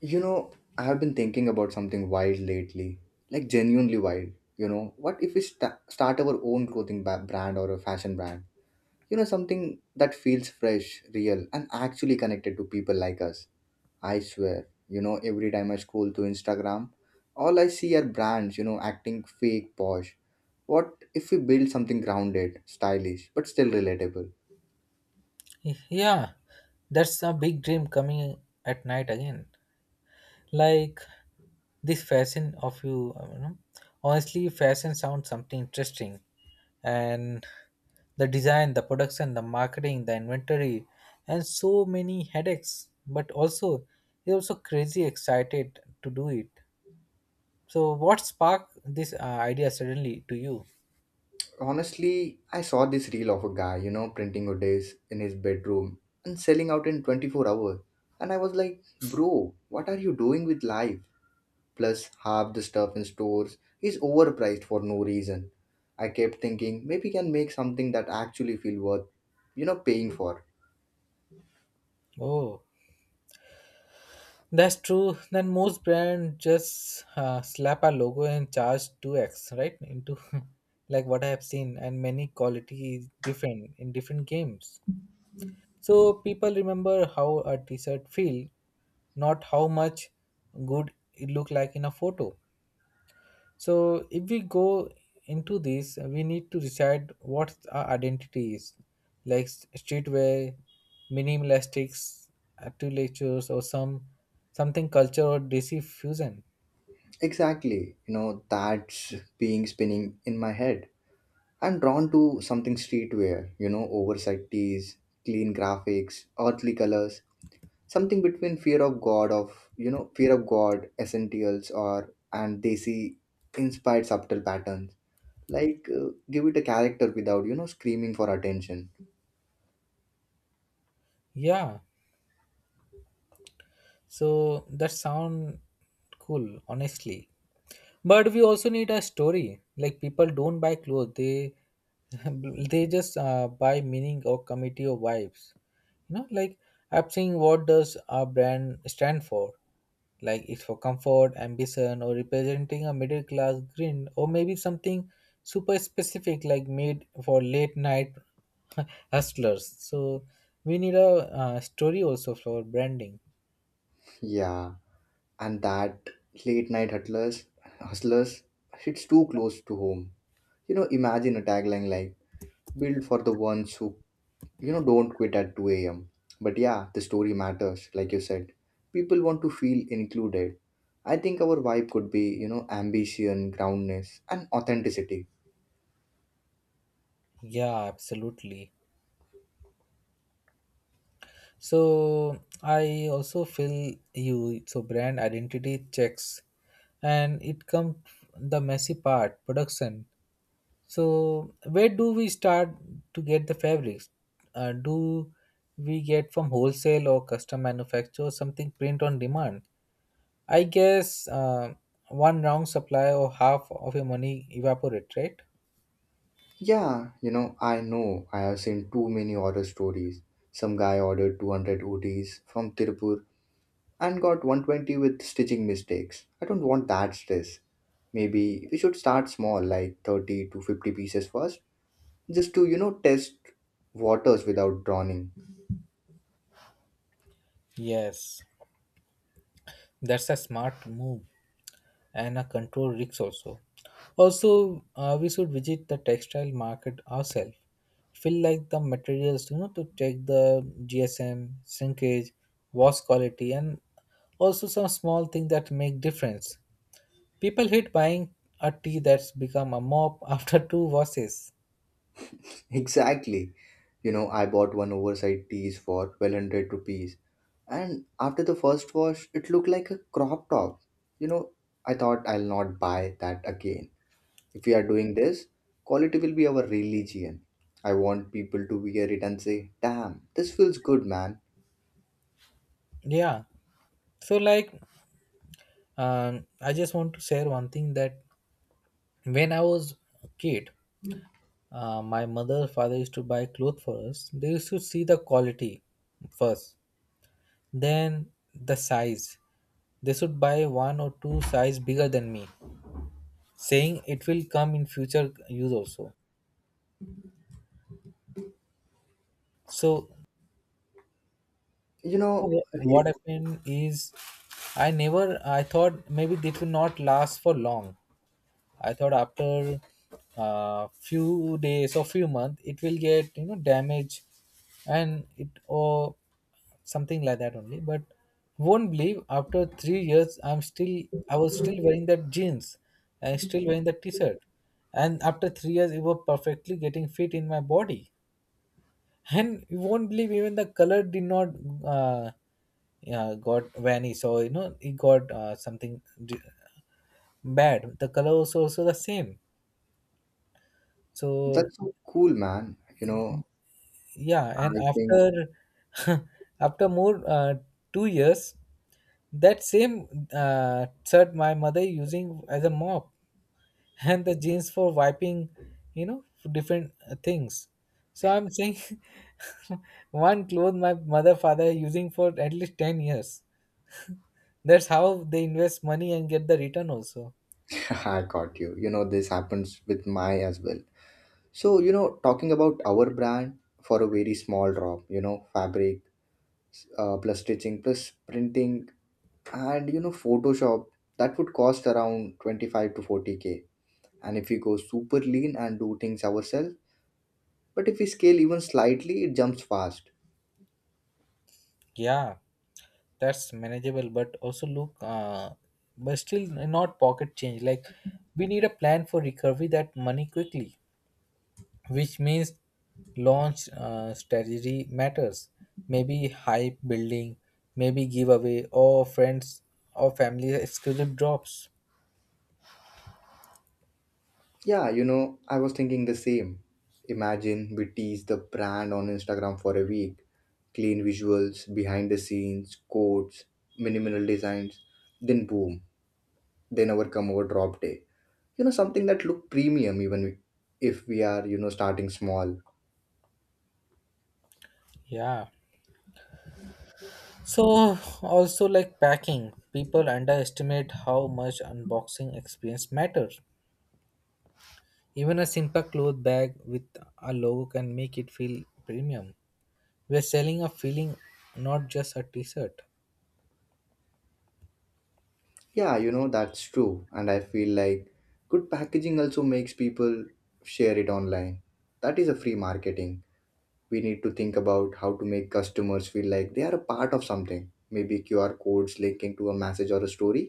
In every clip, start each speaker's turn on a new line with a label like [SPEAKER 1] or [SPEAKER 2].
[SPEAKER 1] You know, I have been thinking about something wild lately, like genuinely wild. You know, what if we start our own clothing brand or a fashion brand? You know, something that feels fresh, real, and actually connected to people like us. I swear, you know, every time I scroll through Instagram, all I see are brands, you know, acting fake, posh. What if we build something grounded, stylish, but still relatable?
[SPEAKER 2] Yeah, that's a big dream coming at night again. Like this fashion of you, you know. Honestly, fashion sounds something interesting, and the design, the production, the marketing, the inventory, and so many headaches. But also, you're also crazy excited to do it. So, what sparked this idea suddenly to you?
[SPEAKER 1] Honestly, I saw this reel of a guy, you know, printing Odays in his bedroom and selling out in 24 hours. And I was like, bro, what are you doing with life? Plus, half the stuff in stores is overpriced for no reason. I kept thinking, maybe can make something that actually feel worth paying for.
[SPEAKER 2] Oh, that's true. Then most brand just slap a logo and charge 2x, right? Into like what I have seen, and many quality is different in different games. So people remember how a t-shirt feel, not how much good it look like in a photo. So, if we go into this, we need to decide what our identity is, like streetwear, minimalistics, architectures, or something culture or DC fusion.
[SPEAKER 1] Exactly, you know, that's being spinning in my head. I'm drawn to something streetwear, you know, oversized tees, clean graphics, earthly colors, something between fear of god of fear of god essentials or and they see inspired subtle patterns, like give it a character without screaming for attention.
[SPEAKER 2] Yeah, so that sound cool, honestly. But we also need a story. Like people don't buy clothes; they they just buy meaning or committee or vibes. You know, like I'm saying, what does our brand stand for? Like it's for comfort, ambition, or representing a middle class grin, or maybe something super specific, like made for late night hustlers. So we need a story also for branding.
[SPEAKER 1] Yeah, and that late night hustlers, hustlers it's too close to home. You know, imagine a tagline like, build for the ones who, don't quit at 2 a.m. But yeah, the story matters, like you said. People want to feel included. I think our vibe could be, you know, ambition, groundness, and authenticity.
[SPEAKER 2] Yeah, absolutely. So I also feel you. So brand identity checks, and it comes the messy part production. So where do we start to get the fabrics? Do we get from wholesale or custom manufacturer something print on demand? I guess one wrong supply or half of your money evaporate, right?
[SPEAKER 1] Yeah, you know, I know. I have seen too many horror stories. Some guy ordered 200 ots from Tirupur and got 120 with stitching mistakes. I don't want that stress. Maybe we should start small, like 30 to 50 pieces first, just to, you know, test waters without drowning.
[SPEAKER 2] Yes, that's a smart move and a control risk also. Also, we should visit the textile market ourselves. Feel like the materials, you know, to check the GSM, shrinkage, wash quality, and also some small things that make difference. People hate buying a tea that's become a mop after two washes.
[SPEAKER 1] Exactly. You know, I bought one oversized tees for 1200 rupees, and after the first wash, it looked like a crop top. You know, I thought I'll not buy that again. If we are doing this, quality will be our religion. I want people to wear it and say, damn, this feels good, man.
[SPEAKER 2] Yeah. So like, I just want to share one thing that when I was a kid, my mother father used to buy clothes for us. They used to see the quality first, then the size. They should buy one or two size bigger than me, saying it will come in future use also. So
[SPEAKER 1] You know,
[SPEAKER 2] what
[SPEAKER 1] re-
[SPEAKER 2] happened is I never I thought maybe it will not last for long. I thought after a few days or few months it will get you know damage and it or something like that only. But won't believe after 3 years I was still wearing that jeans, I still wearing that t-shirt. And after 3 years it was perfectly getting fit in my body. And you won't believe even the color did not uh, yeah, got vanish or you know it got something bad. The color was also the same. So
[SPEAKER 1] that's so cool, man. You know,
[SPEAKER 2] yeah, and
[SPEAKER 1] I think
[SPEAKER 2] after after more 2 years, that same shirt my mother using as a mop and the jeans for wiping, you know, for different things. So I'm saying one clothes my mother father using for at least 10 years. That's how they invest money and get the return also.
[SPEAKER 1] I got you. You know, this happens with my as well. So, you know, talking about our brand for a very small drop, you know, fabric plus stitching plus printing and, you know, Photoshop, that would cost around 25 to 40k. And if we go super lean and do things ourselves, but if we scale even slightly, it jumps fast.
[SPEAKER 2] Yeah, that's manageable but also look but still not pocket change, like we need a plan for recovery that money quickly, which means launch strategy matters, maybe hype building, maybe giveaway or friends or family exclusive drops.
[SPEAKER 1] Yeah, you know, I was thinking the same. Imagine we tease the brand on Instagram for a week, clean visuals, behind the scenes, quotes, minimal designs, then boom, then our come over drop day, you know, something that look premium even if we are, you know, starting small.
[SPEAKER 2] Yeah, so also like packing, people underestimate how much unboxing experience matters. Even a simple cloth bag with a logo can make it feel premium. We're selling a feeling, not just a t-shirt.
[SPEAKER 1] Yeah, you know, that's true, and I feel like good packaging also makes people share it online. That is a free marketing. We need to think about how to make customers feel like they are a part of something, maybe QR codes linking to a message or a story.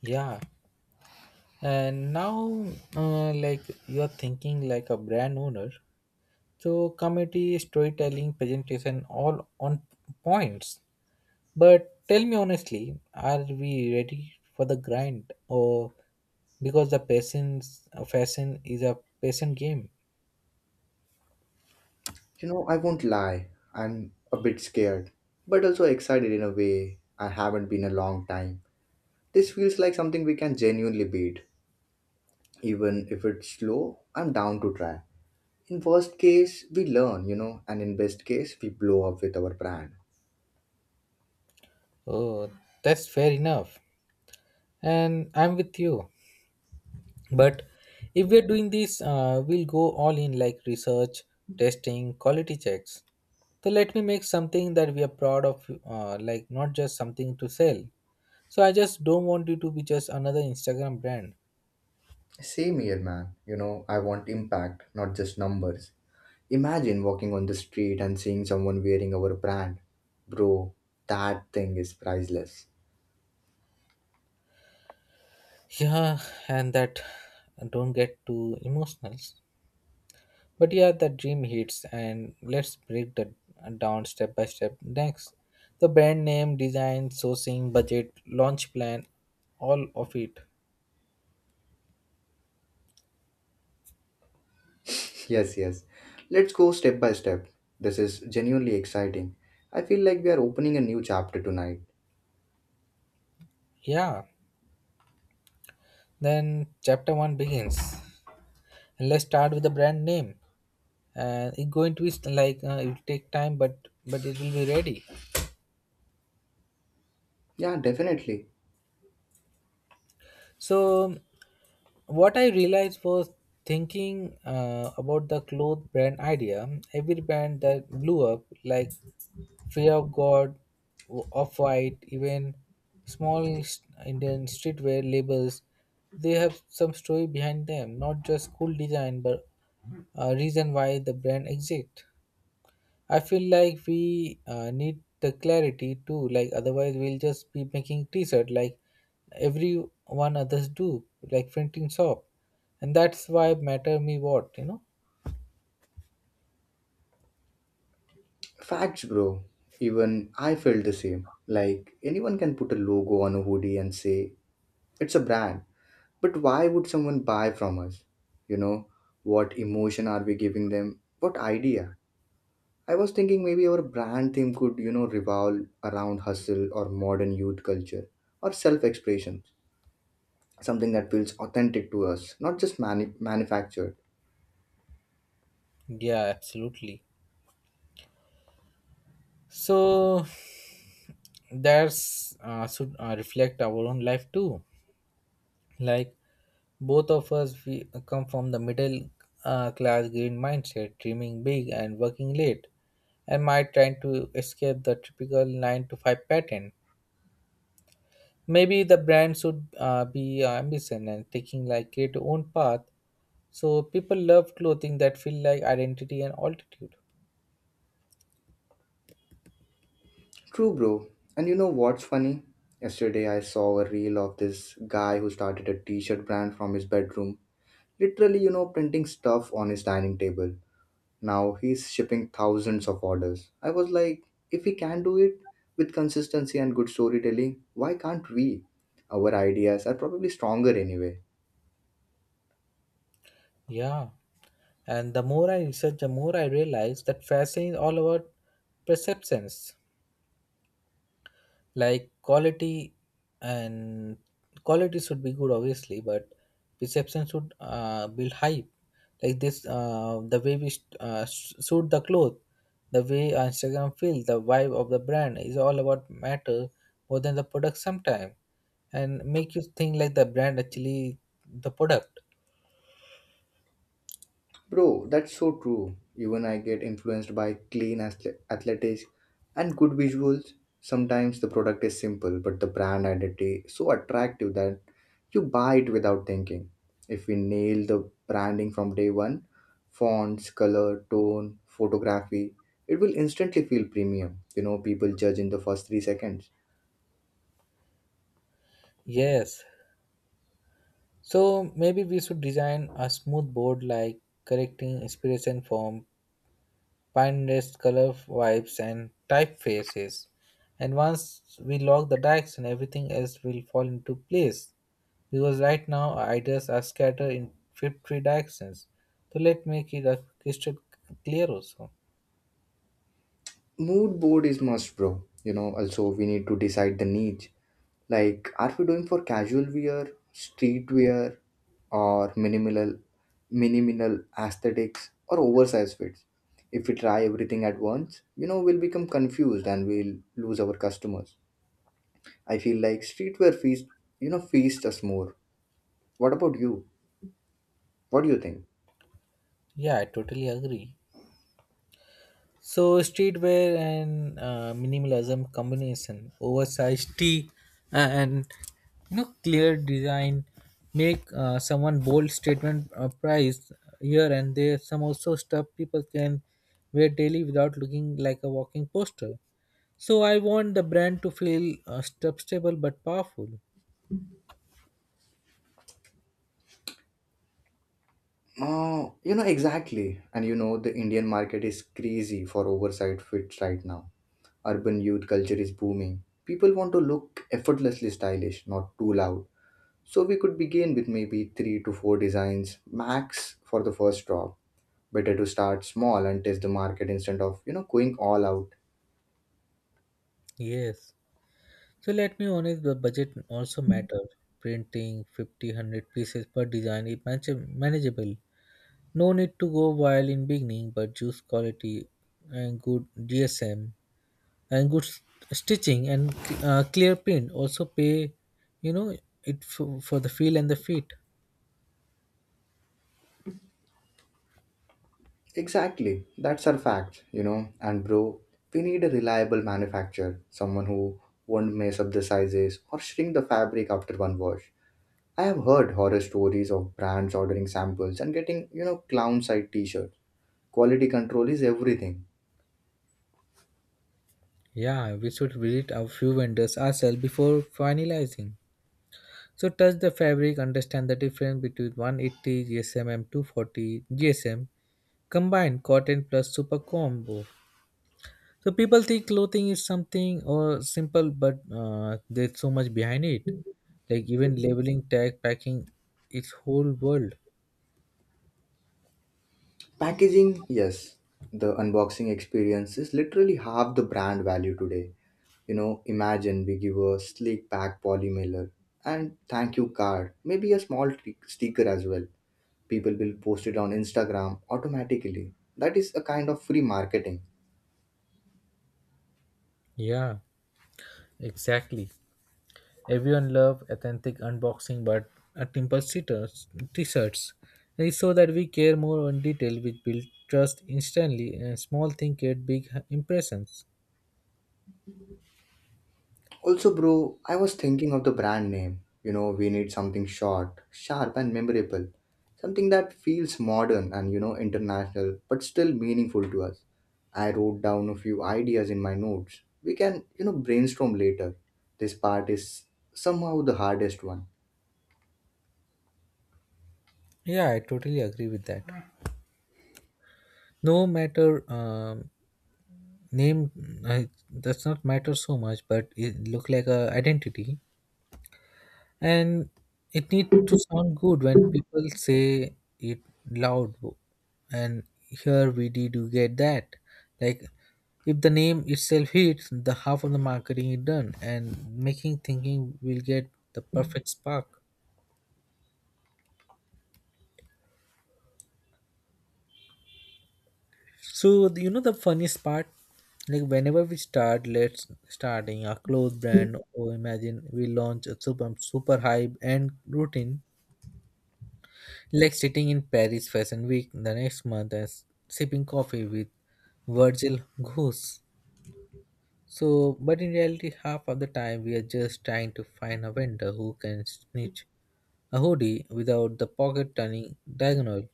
[SPEAKER 2] Yeah. And now, like you're thinking like a brand owner. So committee, storytelling, presentation, all on points. But tell me honestly, are we ready for the grind or because the patience fashion is a patient game?
[SPEAKER 1] You know, I won't lie, I'm a bit scared, but also excited in a way. I haven't been a long time. This feels like something we can genuinely beat. Even if it's slow, I'm down to try. In worst case, we learn, and in best case we blow up with our brand.
[SPEAKER 2] Oh, that's fair enough. And I'm with you. But if we're doing this, we'll go all in like research, testing, quality checks. So let me make something that we are proud of, like not just something to sell. So I just don't want you to be just another Instagram brand.
[SPEAKER 1] Same here, man. You know, I want impact, not just numbers. Imagine walking on the street and seeing someone wearing our brand, bro, that thing is priceless.
[SPEAKER 2] Yeah, and that, don't get too emotional, but yeah, the dream hits, and let's break that down step by step next: the brand name, design, sourcing, budget, launch plan, all of it.
[SPEAKER 1] Yes, yes, let's go step by step. This is genuinely exciting. I feel like we are opening a new chapter tonight.
[SPEAKER 2] Yeah. Then chapter one begins. And let's start with the brand name. And it's going to be it will take time, but it will be ready.
[SPEAKER 1] Yeah, definitely.
[SPEAKER 2] So what I realized was thinking about the cloth brand idea. Every brand that blew up, like Fear of God, Off White, even small Indian streetwear labels, they have some story behind them, not just cool design, but a reason why the brand exists. I feel like we need the clarity too. Like otherwise, we'll just be making T-shirt like everyone others do, like printing shop, and that's why matter me what you know.
[SPEAKER 1] Facts, bro. Even I felt the same. Like, anyone can put a logo on a hoodie and say it's a brand, but why would someone buy from us? You know, what emotion are we giving them? What idea? I was thinking maybe our brand theme could, you know, revolve around hustle or modern youth culture or self expression, something that feels authentic to us, not just manufactured.
[SPEAKER 2] Yeah, absolutely. So that's should reflect our own life too. Like both of us, we come from the middle class green mindset, dreaming big and working late, and might trying to escape the typical 9 to 5 pattern. Maybe the brand should be ambition and taking like create your own path. So people love clothing that feel like identity and altitude.
[SPEAKER 1] True, bro. And you know what's funny? Yesterday I saw a reel of this guy who started a t shirt brand from his bedroom. Literally, you know, printing stuff on his dining table. Now he's shipping thousands of orders. I was like, if he can do it with consistency and good storytelling, why can't we? Our ideas are probably stronger anyway.
[SPEAKER 2] Yeah, and the more I research, the more I realize that fashion is all about perceptions. Like quality and quality should be good obviously, but perception should build hype. Like this, the way we shoot the cloth, the way Instagram feels the vibe of the brand is all about matter more than the product sometime, and make you think like the brand actually the product.
[SPEAKER 1] Bro, that's so true. Even I get influenced by clean athletics and good visuals. Sometimes the product is simple, but the brand identity is so attractive that you buy it without thinking. If we nail the branding from day one, fonts, color, tone, photography, it will instantly feel premium. You know, people judge in the first 3 seconds.
[SPEAKER 2] Yes, so maybe we should design a smooth board like correcting inspiration from Pinterest color vibes and typefaces, and once we lock the direction everything else will fall into place, because right now our ideas are scattered in 50 directions. So let's make it a crystal clear also.
[SPEAKER 1] Mood board is must, bro. You know, also we need to decide the niche. Like, are we doing for casual wear, street wear, or minimal aesthetics, or oversized fits? If we try everything at once, you know, we'll become confused and we'll lose our customers. I feel like streetwear feast, you know, feast us more. What about you? What do you think?
[SPEAKER 2] Yeah, I totally agree. So streetwear and minimalism combination, oversized tee, and you know clear design, make someone bold statement, price here and there. Some also stuff people can wear daily without looking like a walking poster. So I want the brand to feel stable but powerful.
[SPEAKER 1] You know exactly, and you know the Indian market is crazy for oversized fits right now. Urban youth culture is booming. People want to look effortlessly stylish, not too loud. So we could begin with maybe three to four designs max for the first drop. Better to start small and test the market instead of, you know, going all out.
[SPEAKER 2] Yes. So let me honest, the budget also matter. Printing 50, 100 pieces per design is manageable. No need to go wild in beginning, but juice quality and good GSM and good stitching and clear print also pay. You know it for the feel and the fit.
[SPEAKER 1] Exactly. That's our fact, you know. And bro, we need a reliable manufacturer, someone who won't mess up the sizes or shrink the fabric after one wash. I have heard horror stories of brands ordering samples and getting, you know, clown side t-shirts. Quality control is everything.
[SPEAKER 2] Yeah, we should visit a few vendors ourselves before finalizing. So touch the fabric, understand the difference between 180 GSM and 240 GSM combined cotton plus super combo. So people think clothing is something or simple, but there's so much behind it. Like even labeling, tag, packing, its whole world.
[SPEAKER 1] Packaging, yes, the unboxing experience is literally half the brand value today. You know, imagine we give a sleek pack poly mailer and thank you card, maybe a small sticker as well. People will post it on Instagram automatically. That is a kind of free marketing.
[SPEAKER 2] Yeah, exactly. Everyone love authentic unboxing, but a simple sitters t-shirts. They show that we care more on detail, which build trust instantly, and small thing create big impressions.
[SPEAKER 1] Also, bro, I was thinking of the brand name. You know, we need something short, sharp, and memorable. Something that feels modern and, you know, international, but still meaningful to us. I wrote down a few ideas in my notes. We can, you know, brainstorm later. This part is somehow the hardest one.
[SPEAKER 2] Yeah, I totally agree with that. No matter name, uh, does not matter so much, but it look like a identity. And it need to sound good when people say it loud and here we did you get that. Like if the name itself hits the half of the marketing is done, and making thinking will get the perfect spark. So you know the funniest part, like whenever we start, let's starting a clothes brand or imagine we launch a super super hype and routine, like sitting in Paris Fashion Week the next month and sipping coffee with Virgil Goose. So, but in reality, half of the time we are just trying to find a vendor who can snitch a hoodie without the pocket turning diagonal.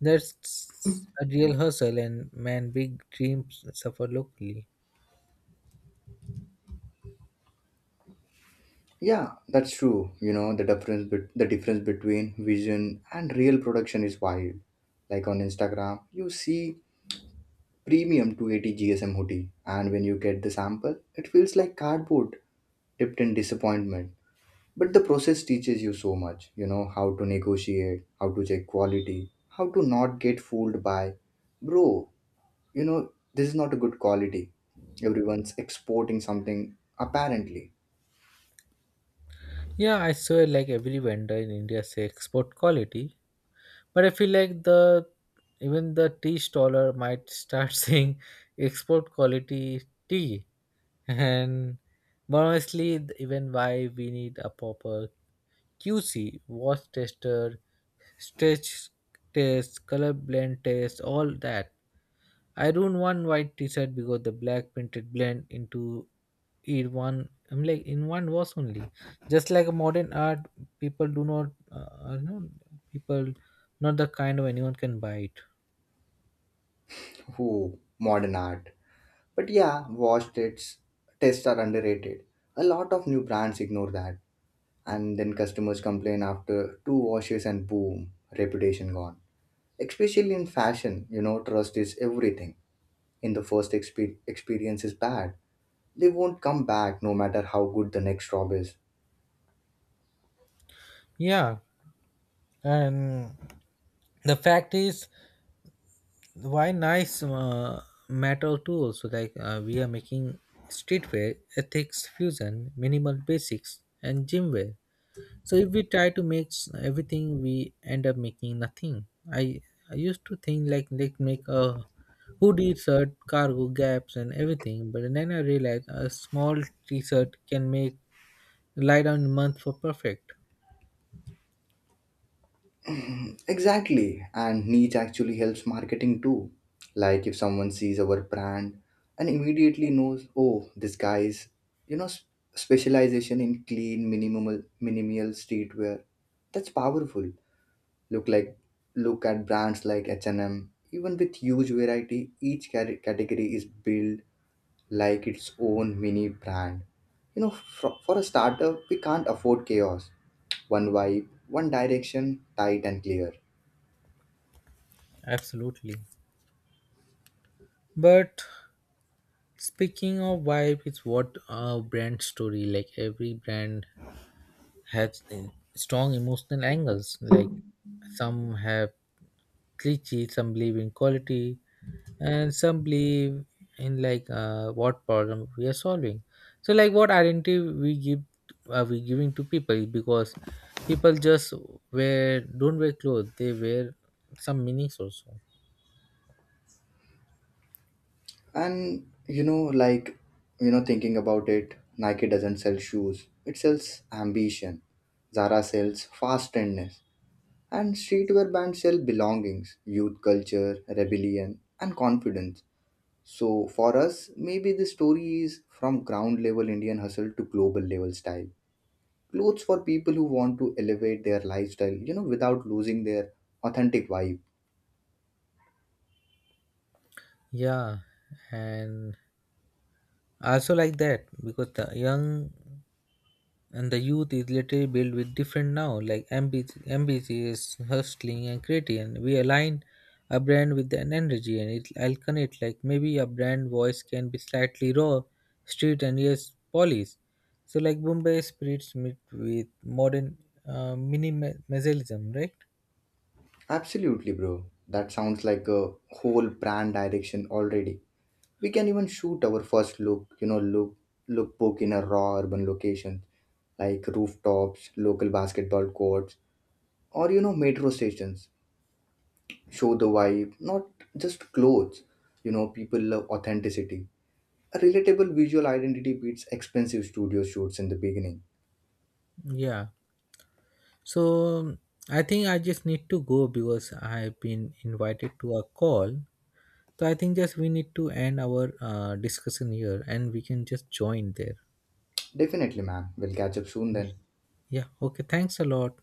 [SPEAKER 2] That's a real hustle, and man, big dreams suffer locally.
[SPEAKER 1] Yeah, that's true. You know, the difference between vision and real production is wild. Like on Instagram, you see premium 280 GSM hoodie, and when you get the sample, it feels like cardboard dipped in disappointment. But the process teaches you so much, you know, how to negotiate, how to check quality, how to not get fooled by, bro, you know, this is not a good quality. Everyone's exporting something apparently.
[SPEAKER 2] Yeah, I swear, like every vendor in India say export quality. But I feel like the even the tea staller might start saying export quality tea. And but honestly, even why we need a proper QC, watch tester, stretch test, color blend test, all that. I don't want white t-shirt because the black printed blend into it one. I'm like in one wash only. Just like modern art, people do not, people not the kind of anyone can buy it.
[SPEAKER 1] Who modern art. But yeah, wash tests, are underrated. A lot of new brands ignore that, and then customers complain after two washes and boom, reputation gone. Especially in fashion, you know, trust is everything. In the first experience is bad, they won't come back no matter how good the next job is.
[SPEAKER 2] Yeah, and the fact is, why nice metal tools? So like we are making streetwear ethics fusion minimal basics and gymwear. So if we try to make everything we end up making nothing. I i used to think like make a hoodie shirt cargo gaps and everything, but then I realized a small t-shirt can make lie down month for perfect.
[SPEAKER 1] Exactly, and niche actually helps marketing too. Like if someone sees our brand and immediately knows, oh, this guy is, you know, specialization in clean, minimal streetwear. That's powerful. Look like look at brands like H&M. Even with huge variety, each category is built like its own mini brand. You know, for a startup, we can't afford chaos. One vibe, one direction, tight and clear.
[SPEAKER 2] Absolutely, but speaking of vibe, it's what a brand story. Like every brand has a strong emotional angles. Like some have cliche, some believe in quality, and some believe in like what problem we are solving. So like what identity we give are we giving to people, because people just wear don't wear clothes, they wear some meanings also.
[SPEAKER 1] And you know, like, thinking about it, Nike doesn't sell shoes; it sells ambition. Zara sells fast trendness, and streetwear brands sell belongings, youth culture, rebellion, and confidence. So for us, maybe the story is from ground level Indian hustle to global level style. Clothes for people who want to elevate their lifestyle, you know, without losing their authentic vibe.
[SPEAKER 2] Yeah, and I also like that because the young and the youth is literally built with different now, like MBG, MBG is hustling and creating. We align a brand with an energy and it I'll connect, like maybe a brand voice can be slightly raw street and yes polished. So like Bombay spirits meet with modern minimalism, right?
[SPEAKER 1] Absolutely, bro. That sounds like a whole brand direction already. We can even shoot our first look, you know, lookbook in a raw urban location like rooftops, local basketball courts, or you know, metro stations, show the vibe, not just clothes. You know, people love authenticity. A relatable visual identity beats expensive studio shoots in the beginning.
[SPEAKER 2] Yeah, so I think I just need to go because I've been invited to a call. So I think just we need to end our discussion here and we can just join there.
[SPEAKER 1] Definitely, man. We'll catch up soon
[SPEAKER 2] Yeah.
[SPEAKER 1] then.
[SPEAKER 2] Yeah. Okay. Thanks a lot.